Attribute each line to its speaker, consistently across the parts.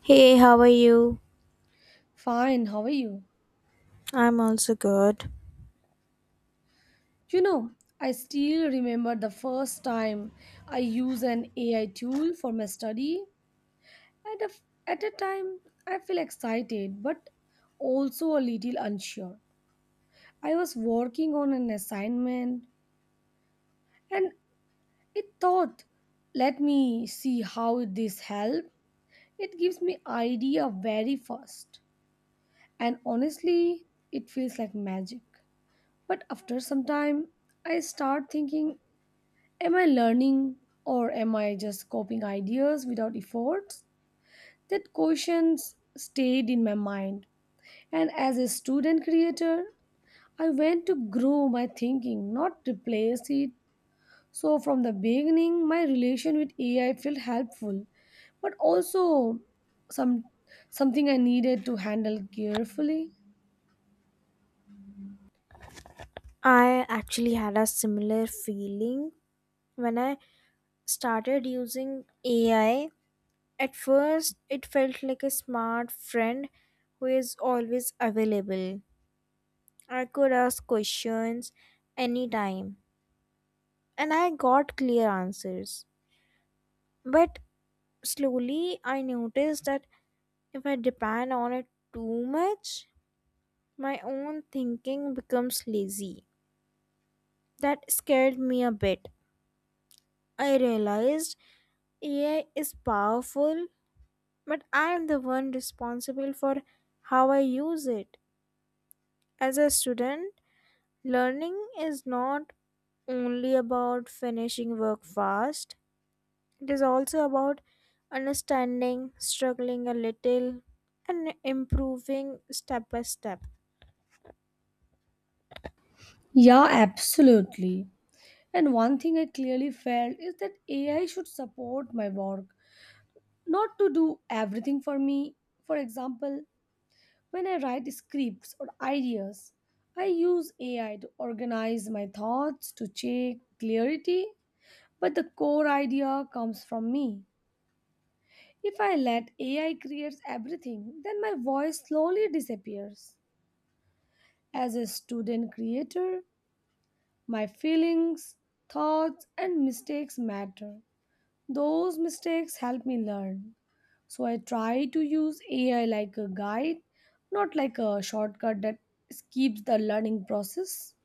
Speaker 1: Hey, how are you?
Speaker 2: Fine, how are you?
Speaker 1: I'm also good.
Speaker 2: You know, I still remember the first time I used an AI tool for my study. At a, at a time, I feel excited but also a little unsure. I was working on an assignment and it thought, let me see how this help. It gives me idea very fast. And honestly, it feels like magic. But after some time, I start thinking, am I learning or am I just copying ideas without efforts? That questions stayed in my mind. And as a student creator, I went to grow my thinking, not replace it. So from the beginning, my relation with AI felt helpful, but also some something I needed to handle carefully.
Speaker 1: I actually had a similar feeling when I started using AI. At first, it felt like a smart friend who is always available. I could ask questions anytime, and I got clear answers. But slowly, I noticed that if I depend on it too much, my own thinking becomes lazy. That scared me a bit. I realized AI is powerful, but I am the one responsible for how I use it. As a student, learning is not only about finishing work fast, it is also about understanding, struggling a little, and improving step by step.
Speaker 2: Yeah, absolutely. And one thing I clearly felt is that AI should support my work, not to do everything for me. For example, when I write scripts or ideas, I use AI to organize my thoughts to check clarity, but the core idea comes from me. If I let AI create everything, then my voice slowly disappears. As a student creator, my feelings, thoughts, and mistakes matter. Those mistakes help me learn. So I try to use AI like a guide, not like a shortcut that keeps the learning process.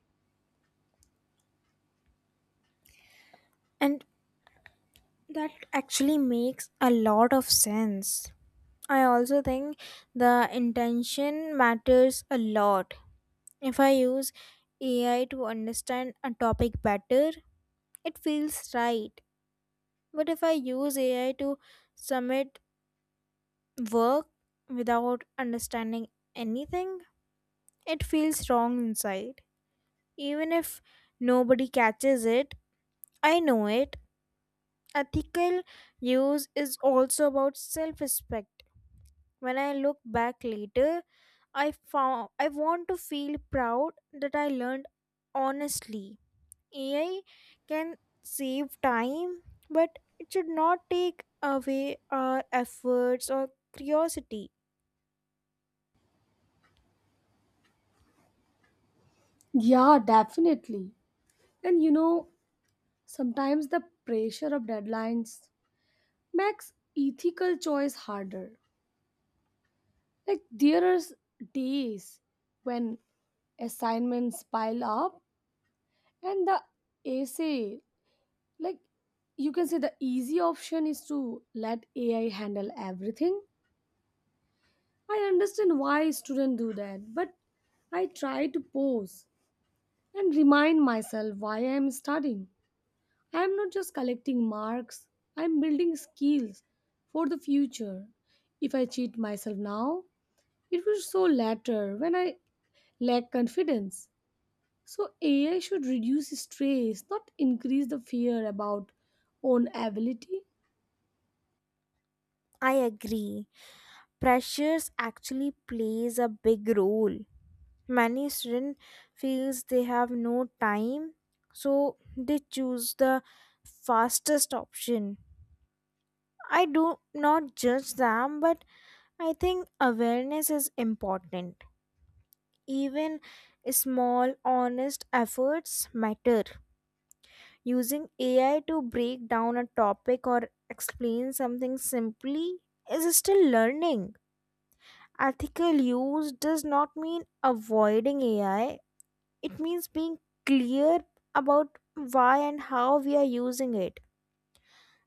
Speaker 1: And that actually makes a lot of sense. I also think the intention matters a lot. If I use AI to understand a topic better, it feels right. But if I use AI to submit work without understanding anything, it feels wrong inside. Even if nobody catches it, I know it. Ethical use is also about self respect. When I look back later, I found I want to feel proud that I learned honestly. AI can save time, but it should not take away our efforts or curiosity.
Speaker 2: Yeah, definitely. And sometimes the pressure of deadlines makes ethical choice harder. Like there are days when assignments pile up and the essay, like, you can say the easy option is to let AI handle everything. I understand why students do that, but I try to pause and remind myself why I am studying. I am not just collecting marks, I am building skills for the future. If I cheat myself now, it will show later when I lack confidence. So, AI should reduce stress, not increase the fear about own ability.
Speaker 1: I agree. Pressures actually plays a big role. Many students feels they have no time, so they choose the fastest option. I do not judge them, but I think awareness is important. Even small, honest efforts matter. Using AI to break down a topic or explain something simply is still learning. Ethical use does not mean avoiding AI, it means being clear about why and how we are using it.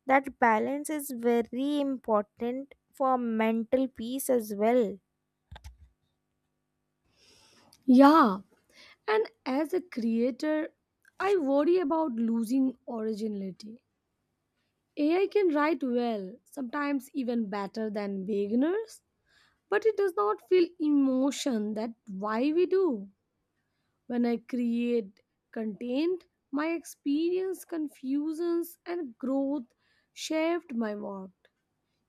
Speaker 1: That balance is very important for mental peace as well.
Speaker 2: Yeah, and as a creator, I worry about losing originality. AI can write well, sometimes even better than beginners, but it does not feel emotion that why we do. When I create content, my experience, confusions, and growth shaped my work.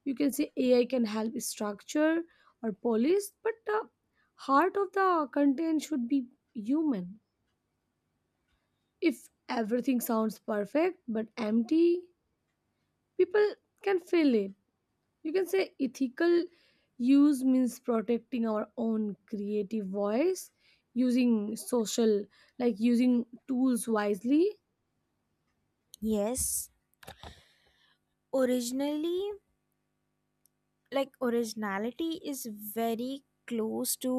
Speaker 2: You can say AI can help structure or polish, but the heart of the content should be human. If everything sounds perfect but empty, people can feel it. You can say ethical use means protecting our own creative voice, using social, like using tools wisely.
Speaker 1: Yes, originally, like, originality is very close to,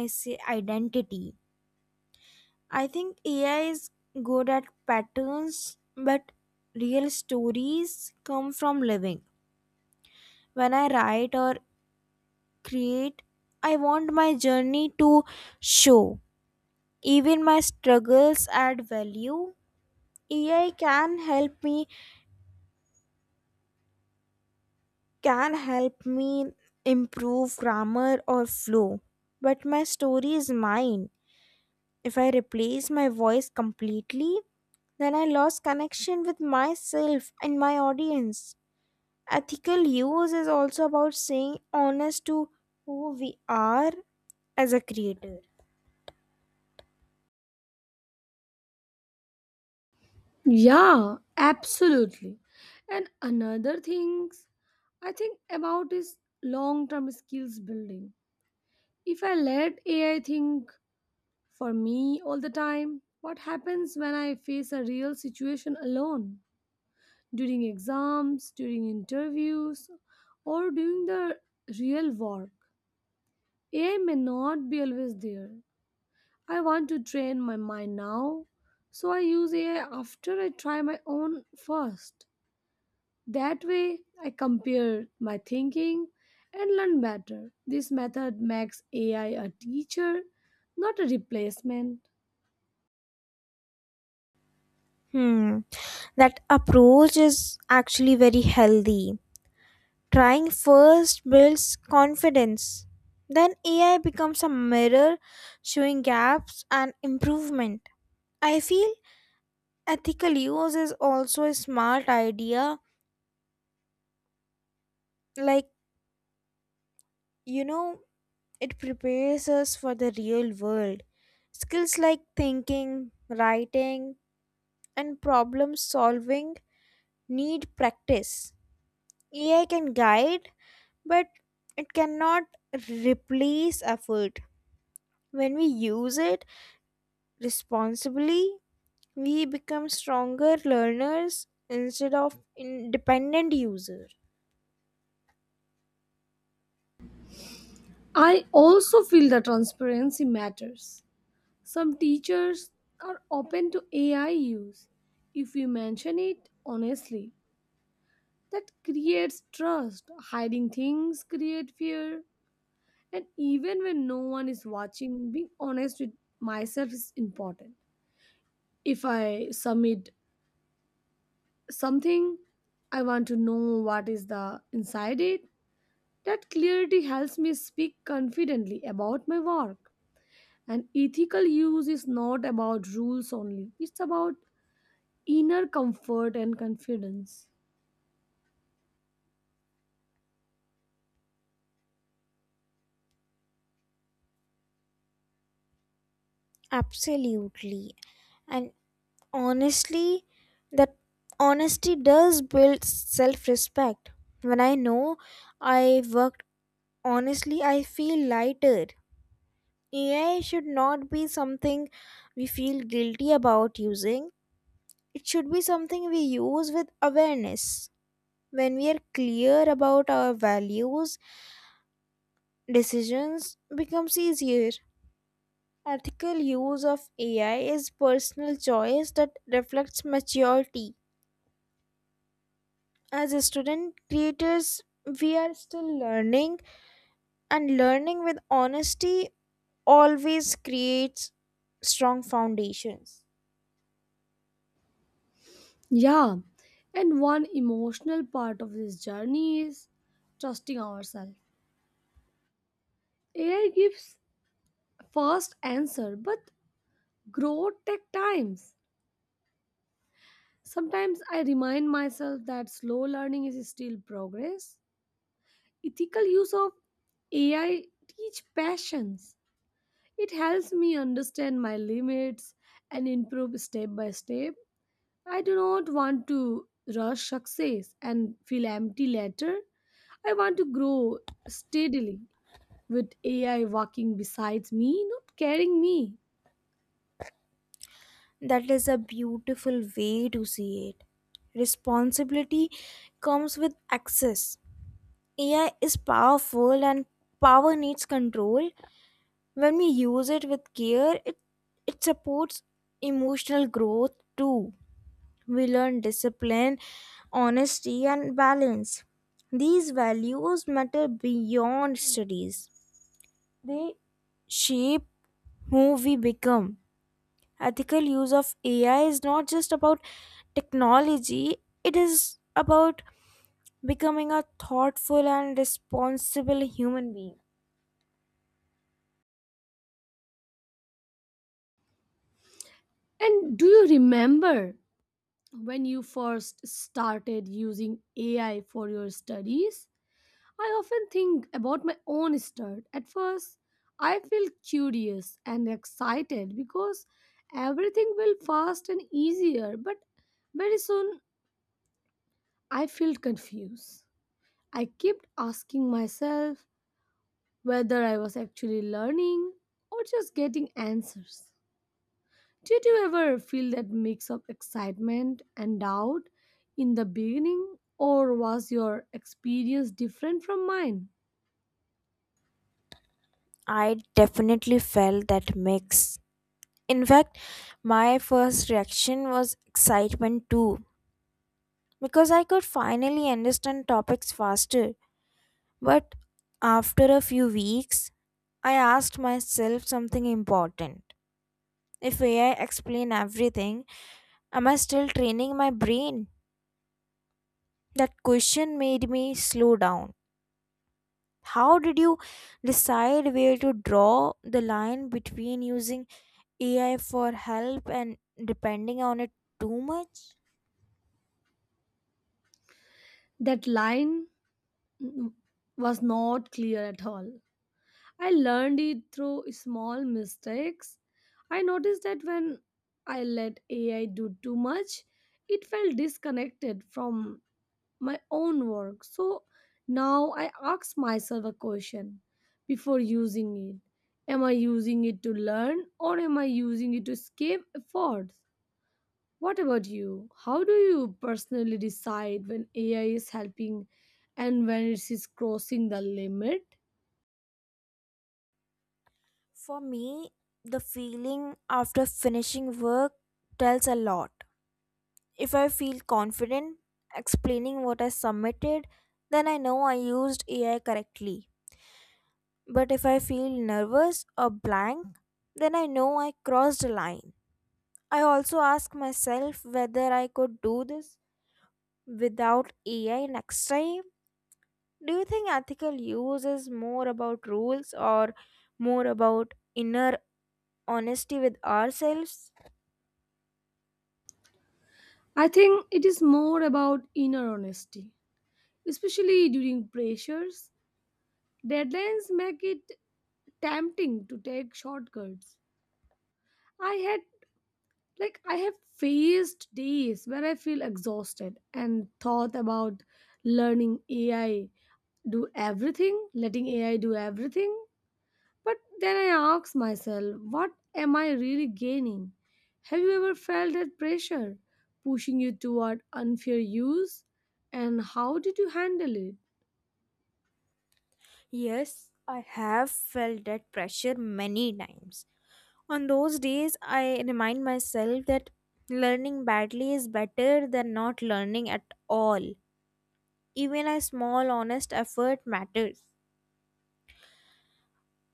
Speaker 1: I say, identity. I think AI is good at patterns, but real stories come from living. When I write or create, I want my journey to show. Even my struggles add value. AI can help me improve grammar or flow. But my story is mine. If I replace my voice completely, then I lost connection with myself and my audience. Ethical use is also about saying honest to who we are as a creator.
Speaker 2: Yeah, absolutely. And another things I think about is long term skills building. If I let AI think for me all the time, what happens when I face a real situation alone? During exams, during interviews, or during the real work? AI may not be always there. I want to train my mind now, so I use AI after I try my own first. That way, I compare my thinking and learn better. This method makes AI a teacher, not a replacement.
Speaker 1: Hmm, that approach is actually very healthy. Trying first builds confidence. Then AI becomes a mirror showing gaps and improvement. I feel ethical use is also a smart idea. Like, you know, it prepares us for the real world. Skills like thinking, writing, and problem solving need practice. AI can guide, but it cannot replace effort. When we use it, responsibly, we become stronger learners instead of independent user.
Speaker 2: I also feel that transparency matters. Some teachers are open to AI use if you mention it honestly. That creates trust. Hiding things create fear. And even when no one is watching, being honest with myself is important. If I submit something, I want to know what is the inside it. That clarity helps me speak confidently about my work. And ethical use is not about rules only. It's about inner comfort and confidence.
Speaker 1: Absolutely. And honestly, that honesty does build self-respect. When I know I worked honestly, I feel lighter. AI should not be something we feel guilty about using. It should be something we use with awareness. When we are clear about our values, decisions becomes easier. Ethical use of AI is personal choice that reflects maturity. As a student creators, we are still learning, and learning with honesty always creates strong foundations.
Speaker 2: Yeah, and one emotional part of this journey is trusting ourselves. AI gives fast answer, but growth takes times. Sometimes I remind myself that slow learning is still progress. Ethical use of AI teach patience. It helps me understand my limits and improve step by step. I do not want to rush success and feel empty later. I want to grow steadily with AI walking beside me, not carrying me.
Speaker 1: That is a beautiful way to see it. Responsibility comes with access. AI is powerful and power needs control. When we use it with care, it supports emotional growth too. We learn discipline, honesty, and balance. These values matter beyond studies. They shape who we become. Ethical use of AI is not just about technology, it is about becoming a thoughtful and responsible human being.
Speaker 2: And do you remember when you first started using AI for your studies? I often think about my own start. At first, I feel curious and excited because everything will fast and easier, but very soon I feel confused. I kept asking myself, whether I was actually learning or just getting answers. Did you ever feel that mix of excitement and doubt in the beginning, or was your experience different from mine?
Speaker 1: I definitely felt that mix. In fact, my first reaction was excitement too, because I could finally understand topics faster. But after a few weeks, I asked myself something important. If AI explain everything, am I still training my brain? That question made me slow down. How did you decide where to draw the line between using AI for help and depending on it too much?
Speaker 2: That line, mm, was not clear at all. I learned it through small mistakes. I noticed that when I let AI do too much, it felt disconnected from my own work. So now I ask myself a question before using it. Am I using it to learn or am I using it to escape efforts? What about you? How do you personally decide when AI is helping and when it is crossing the limit?
Speaker 1: For me, the feeling after finishing work tells a lot. If I feel confident explaining what I submitted, then I know I used AI correctly. But if I feel nervous or blank, then I know I crossed a line. I also ask myself whether I could do this without AI next time. Do you think ethical use is more about rules or more about inner honesty with ourselves?
Speaker 2: I think it is more about inner honesty, especially during pressures. Deadlines make it tempting to take shortcuts. I had like I have faced days where I feel exhausted and thought about learning ai do everything letting AI do everything. But then I ask myself, what am I really gaining? Have you ever felt that pressure pushing you toward unfair use, and how did you handle it?
Speaker 1: Yes, I have felt that pressure many times. On those days, I remind myself that learning badly is better than not learning at all. Even a small, honest effort matters.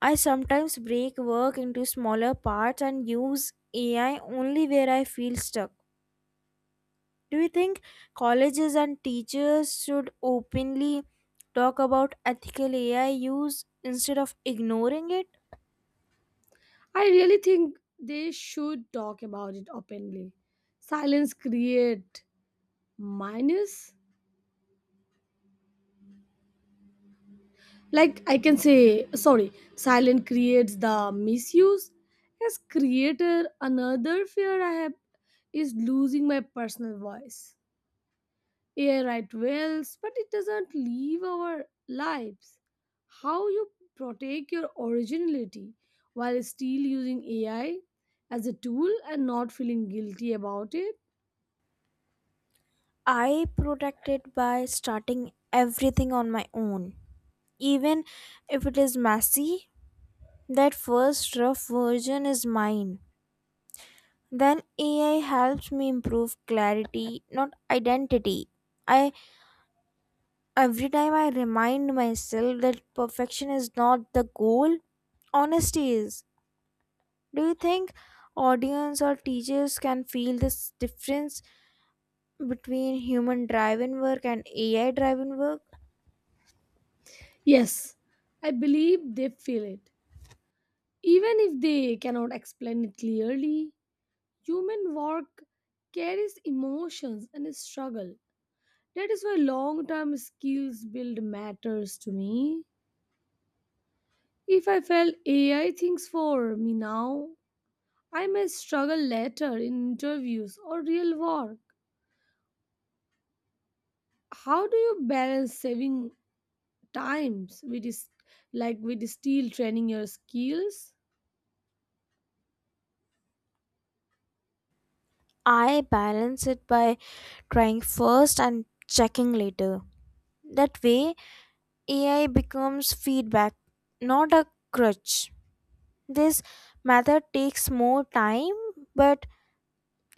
Speaker 1: I sometimes break work into smaller parts and use AI only where I feel stuck. Do you think colleges and teachers should openly talk about ethical AI use instead of ignoring it?
Speaker 2: I really think they should talk about it openly. Silence create minus, like, I can say sorry, silent creates the misuse. As creator, another fear I have is losing my personal voice. AI write wills, but it doesn't leave our lives. How you protect your originality while still using AI as a tool and not feeling guilty about it?
Speaker 1: I protected by starting everything on my own. Even if it is messy, that first rough version is mine. Then AI helps me improve clarity, not identity. I Every time I remind myself that perfection is not the goal, honesty is. Do you think audience or teachers can feel this difference between human driven work and AI driven work?
Speaker 2: Yes, I believe they feel it even if they cannot explain it clearly. Human work carries emotions and struggle. That is why long term skills build matters to me. If I felt AI thinks for me now, I may struggle later in interviews or real work. How do you balance saving times with is like with still training your skills?
Speaker 1: I balance it by trying first and checking later. That way, AI becomes feedback, not a crutch. This method takes more time, but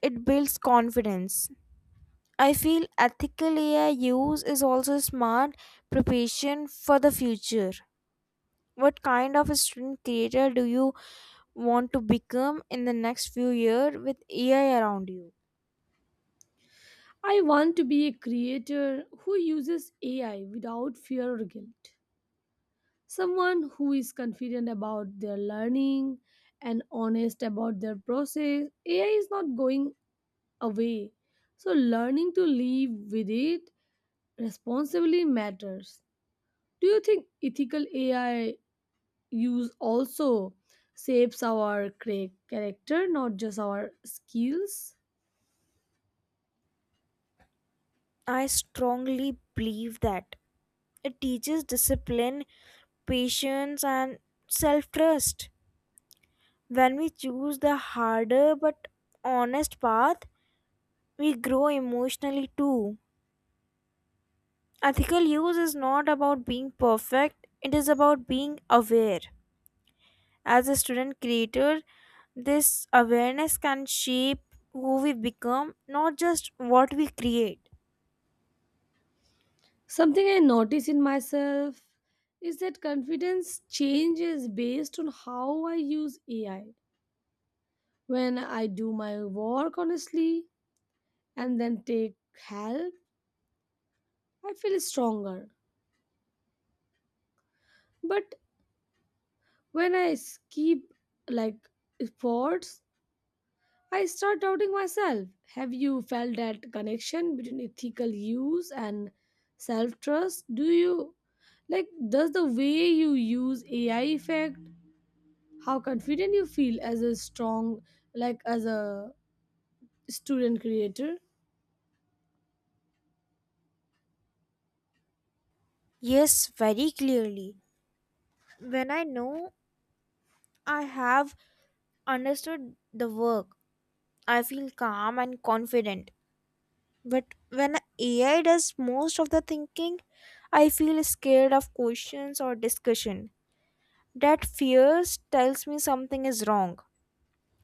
Speaker 1: it builds confidence. I feel ethical AI use is also smart preparation for the future. What kind of a student creator do you want to become in the next few years with AI around you?
Speaker 2: I want to be a creator who uses AI without fear or guilt. Someone who is confident about their learning and honest about their process. AI is not going away. So, learning to live with it responsibly matters. Do you think ethical AI use also shapes our character, not just our skills?
Speaker 1: I strongly believe that. It teaches discipline, patience, and self trust. When we choose the harder but honest path, we grow emotionally too. Ethical use is not about being perfect, it is about being aware. As a student creator, this awareness can shape who we become, not just what we create.
Speaker 2: Something I notice in myself is that confidence changes based on how I use AI. When I do my work honestly and then take help, I feel stronger. But when I skip, like, sports, I start doubting myself. Have you felt that connection between ethical use and self trust? Do you like does the way you use AI affect how confident you feel as a student creator?
Speaker 1: Yes, very clearly. When I know I have understood the work, I feel calm and confident. But when AI does most of the thinking, I feel scared of questions or discussion. That fear tells me something is wrong.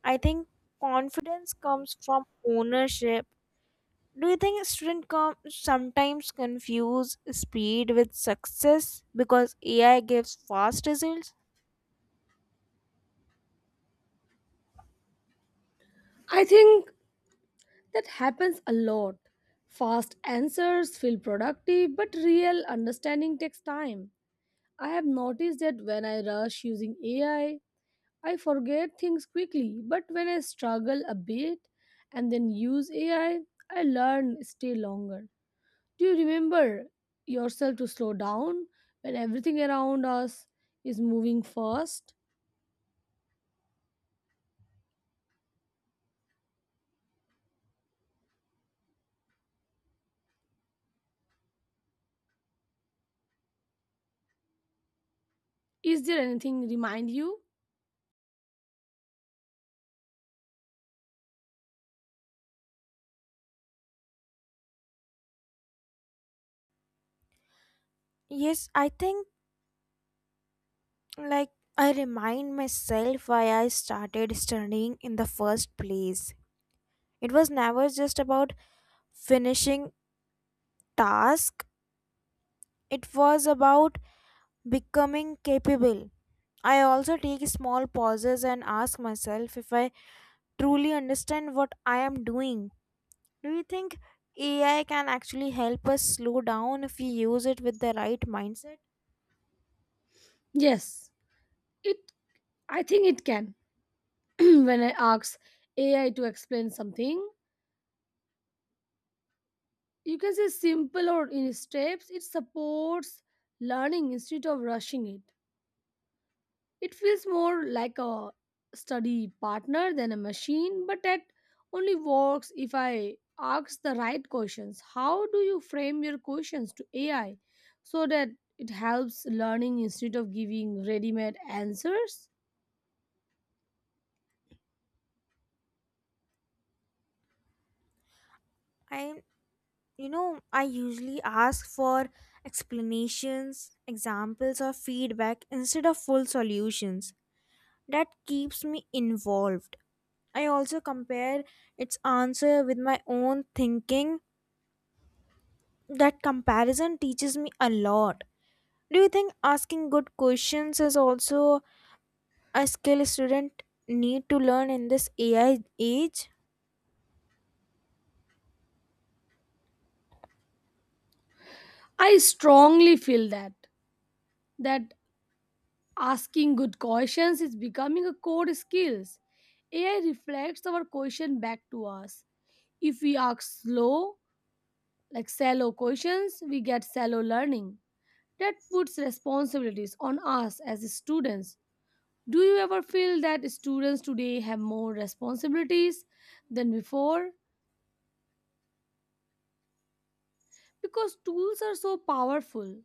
Speaker 1: I think confidence comes from ownership. Do you think students sometimes confuse speed with success because AI gives fast results?
Speaker 2: I think that happens a lot. Fast answers feel productive, but real understanding takes time. I have noticed that when I rush using AI, I forget things quickly, but when I struggle a bit and then use AI, I learn stay longer. Do you remember yourself to slow down when everything around us is moving fast? Is there anything remind you?
Speaker 1: Yes, I think, like, I remind myself why I started studying in the first place. It was never just about finishing task, it was about becoming capable. I also take small pauses and ask myself if I truly understand what I am doing. Do you think AI can actually help us slow down if we use it with the right mindset?
Speaker 2: Yes, it I think it can. When I ask AI to explain something, you can say simple or in steps. It supports learning instead of rushing it. It feels more like a study partner than a machine, but that only works if I ask the right questions. How do you frame your questions to AI so that it helps learning instead of giving ready made answers?
Speaker 1: I I usually ask for explanations, examples or feedback instead of full solutions. That keeps me involved. I also compare its answer with my own thinking. That comparison teaches me a lot. Do you think asking good questions is also a skill student need to learn in this AI age?
Speaker 2: I strongly feel that. Asking good questions is becoming a core skill. AI reflects our question back to us. If we ask slow, like shallow questions, we get shallow learning. That puts responsibilities on us as students. Do you ever feel that students today have more responsibilities than before? Because tools are so powerful.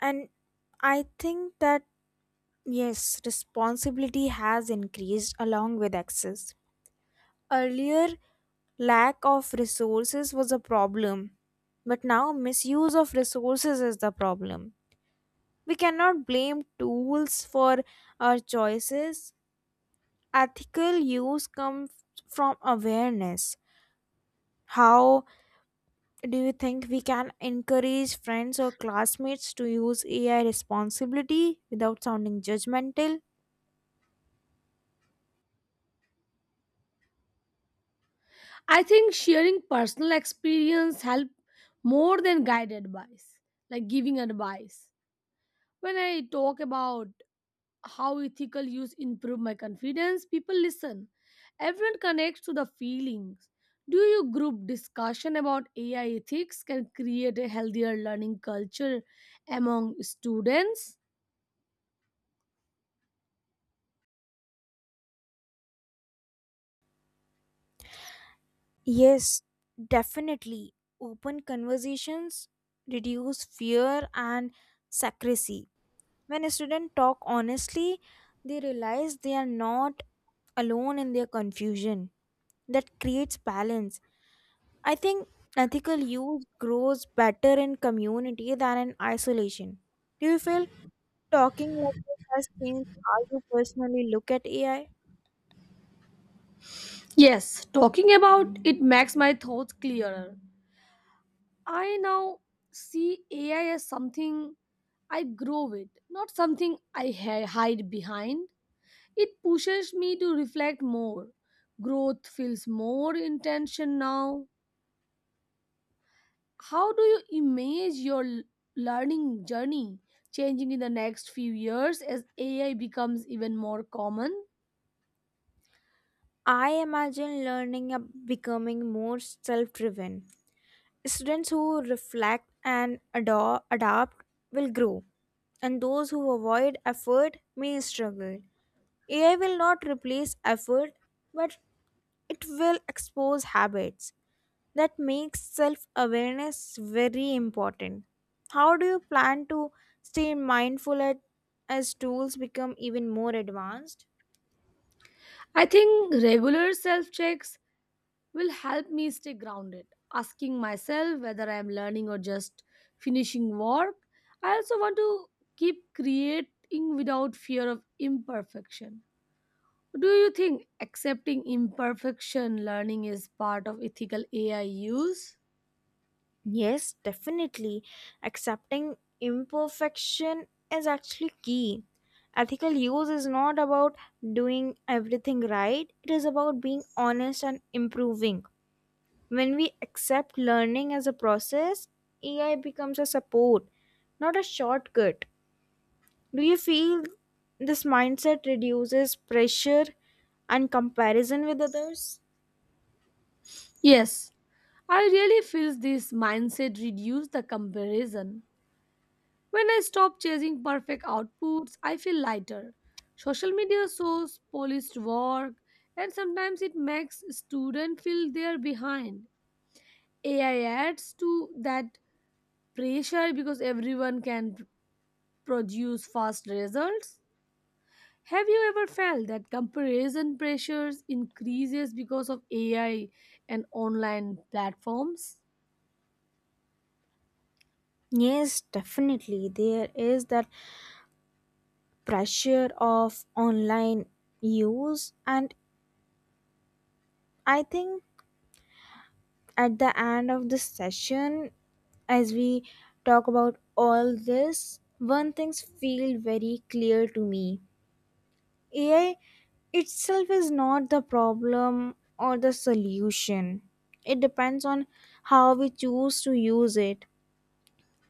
Speaker 1: And I think that yes, responsibility has increased along with access. Earlier, lack of resources was a problem, but now misuse of resources is the problem. We cannot blame tools for our choices. Ethical use comes from awareness. How do you think we can encourage friends or classmates to use AI responsibility without sounding judgmental?
Speaker 2: I think sharing personal experience help more than guided advice, like giving advice. When I talk about how ethical use improve my confidence, people listen. Everyone connects to the feelings. Do you group discussion about AI ethics can create a healthier learning culture among students?
Speaker 1: Yes, definitely. Open conversations reduce fear and secrecy. When a student talk honestly, they realize they are not alone in their confusion. That creates balance. I think ethical use grows better in community than in isolation. Do you feel talking like this has changed how you personally look at AI?
Speaker 2: Yes, talking about it makes my thoughts clearer. I now see AI as something I grow with, not something I hide behind. It pushes me to reflect more. Growth feels more intention now. How do you imagine your learning journey changing in the next few years as AI becomes even more common?
Speaker 1: I imagine learning becoming more self driven. Students who reflect and adapt will grow, and those who avoid effort may struggle. AI will not replace effort, but it will expose habits. That makes self awareness very important. How do you plan to stay mindful as tools become even more advanced?
Speaker 2: I think regular self checks will help me stay grounded, asking myself whether I am learning or just finishing work. I also want to keep creating without fear of imperfection. Do you think accepting imperfection learning is part of ethical AI use?
Speaker 1: Yes, definitely. Accepting imperfection is actually key. Ethical use is not about doing everything right, it is about being honest and improving. When we accept learning as a process, AI becomes a support, not a shortcut. Do you feel this mindset reduces pressure and comparison with others?
Speaker 2: Yes, I really feel this mindset reduces the comparison. When I stop chasing perfect outputs, I feel lighter. Social media shows polished work, and sometimes it makes students feel they're behind. AI adds to that pressure because everyone can produce fast results. Have you ever felt that comparison pressures increases because of AI and online platforms?
Speaker 1: Yes, definitely. There is that pressure of online use, and I think at the end of this session, as we talk about all this, one thing's feel very clear to me. AI itself is not the problem or the solution. It depends on how we choose to use it.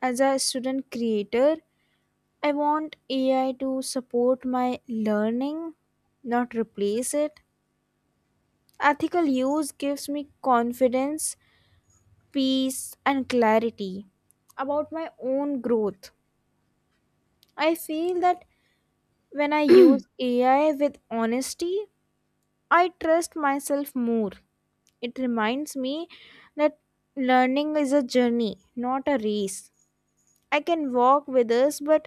Speaker 1: As a student creator, I want AI to support my learning, not replace it. Ethical use gives me confidence, peace, and clarity about my own growth. I feel that when I use AI with honesty, I trust myself more. It reminds me that learning is a journey, not a race. I can walk with us, but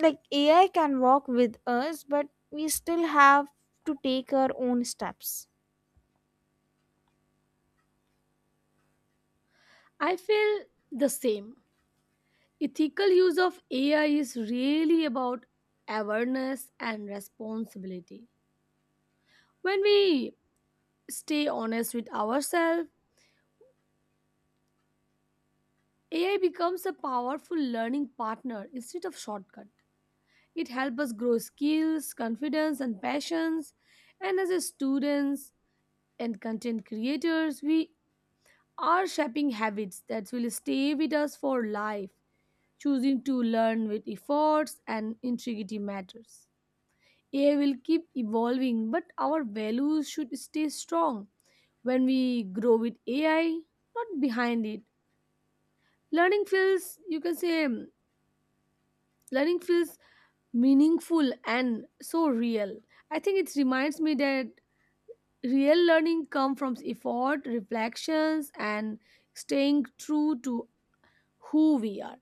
Speaker 1: like AI can walk with us, but we still have to take our own steps.
Speaker 2: I feel the same. Ethical use of AI is really about awareness and responsibility. When we stay honest with ourselves, AI becomes a powerful learning partner instead of shortcut. It helps us grow skills, confidence and passions. And as a students and content creators, we are shaping habits that will stay with us for life, choosing to learn with efforts and integrity matters. AI will keep evolving, but our values should stay strong. When we grow with AI, not behind it. Learning feels, you can say, mm, learning feels meaningful and so real. I think it reminds me that real learning comes from effort, reflections, and staying true to who we are.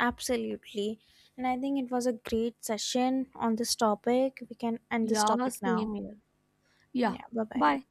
Speaker 1: Absolutely. And I think it was a great session on this topic. We can end this
Speaker 2: Yeah,
Speaker 1: topic now.
Speaker 2: same here. Yeah,
Speaker 1: Yeah, bye bye.
Speaker 2: bye.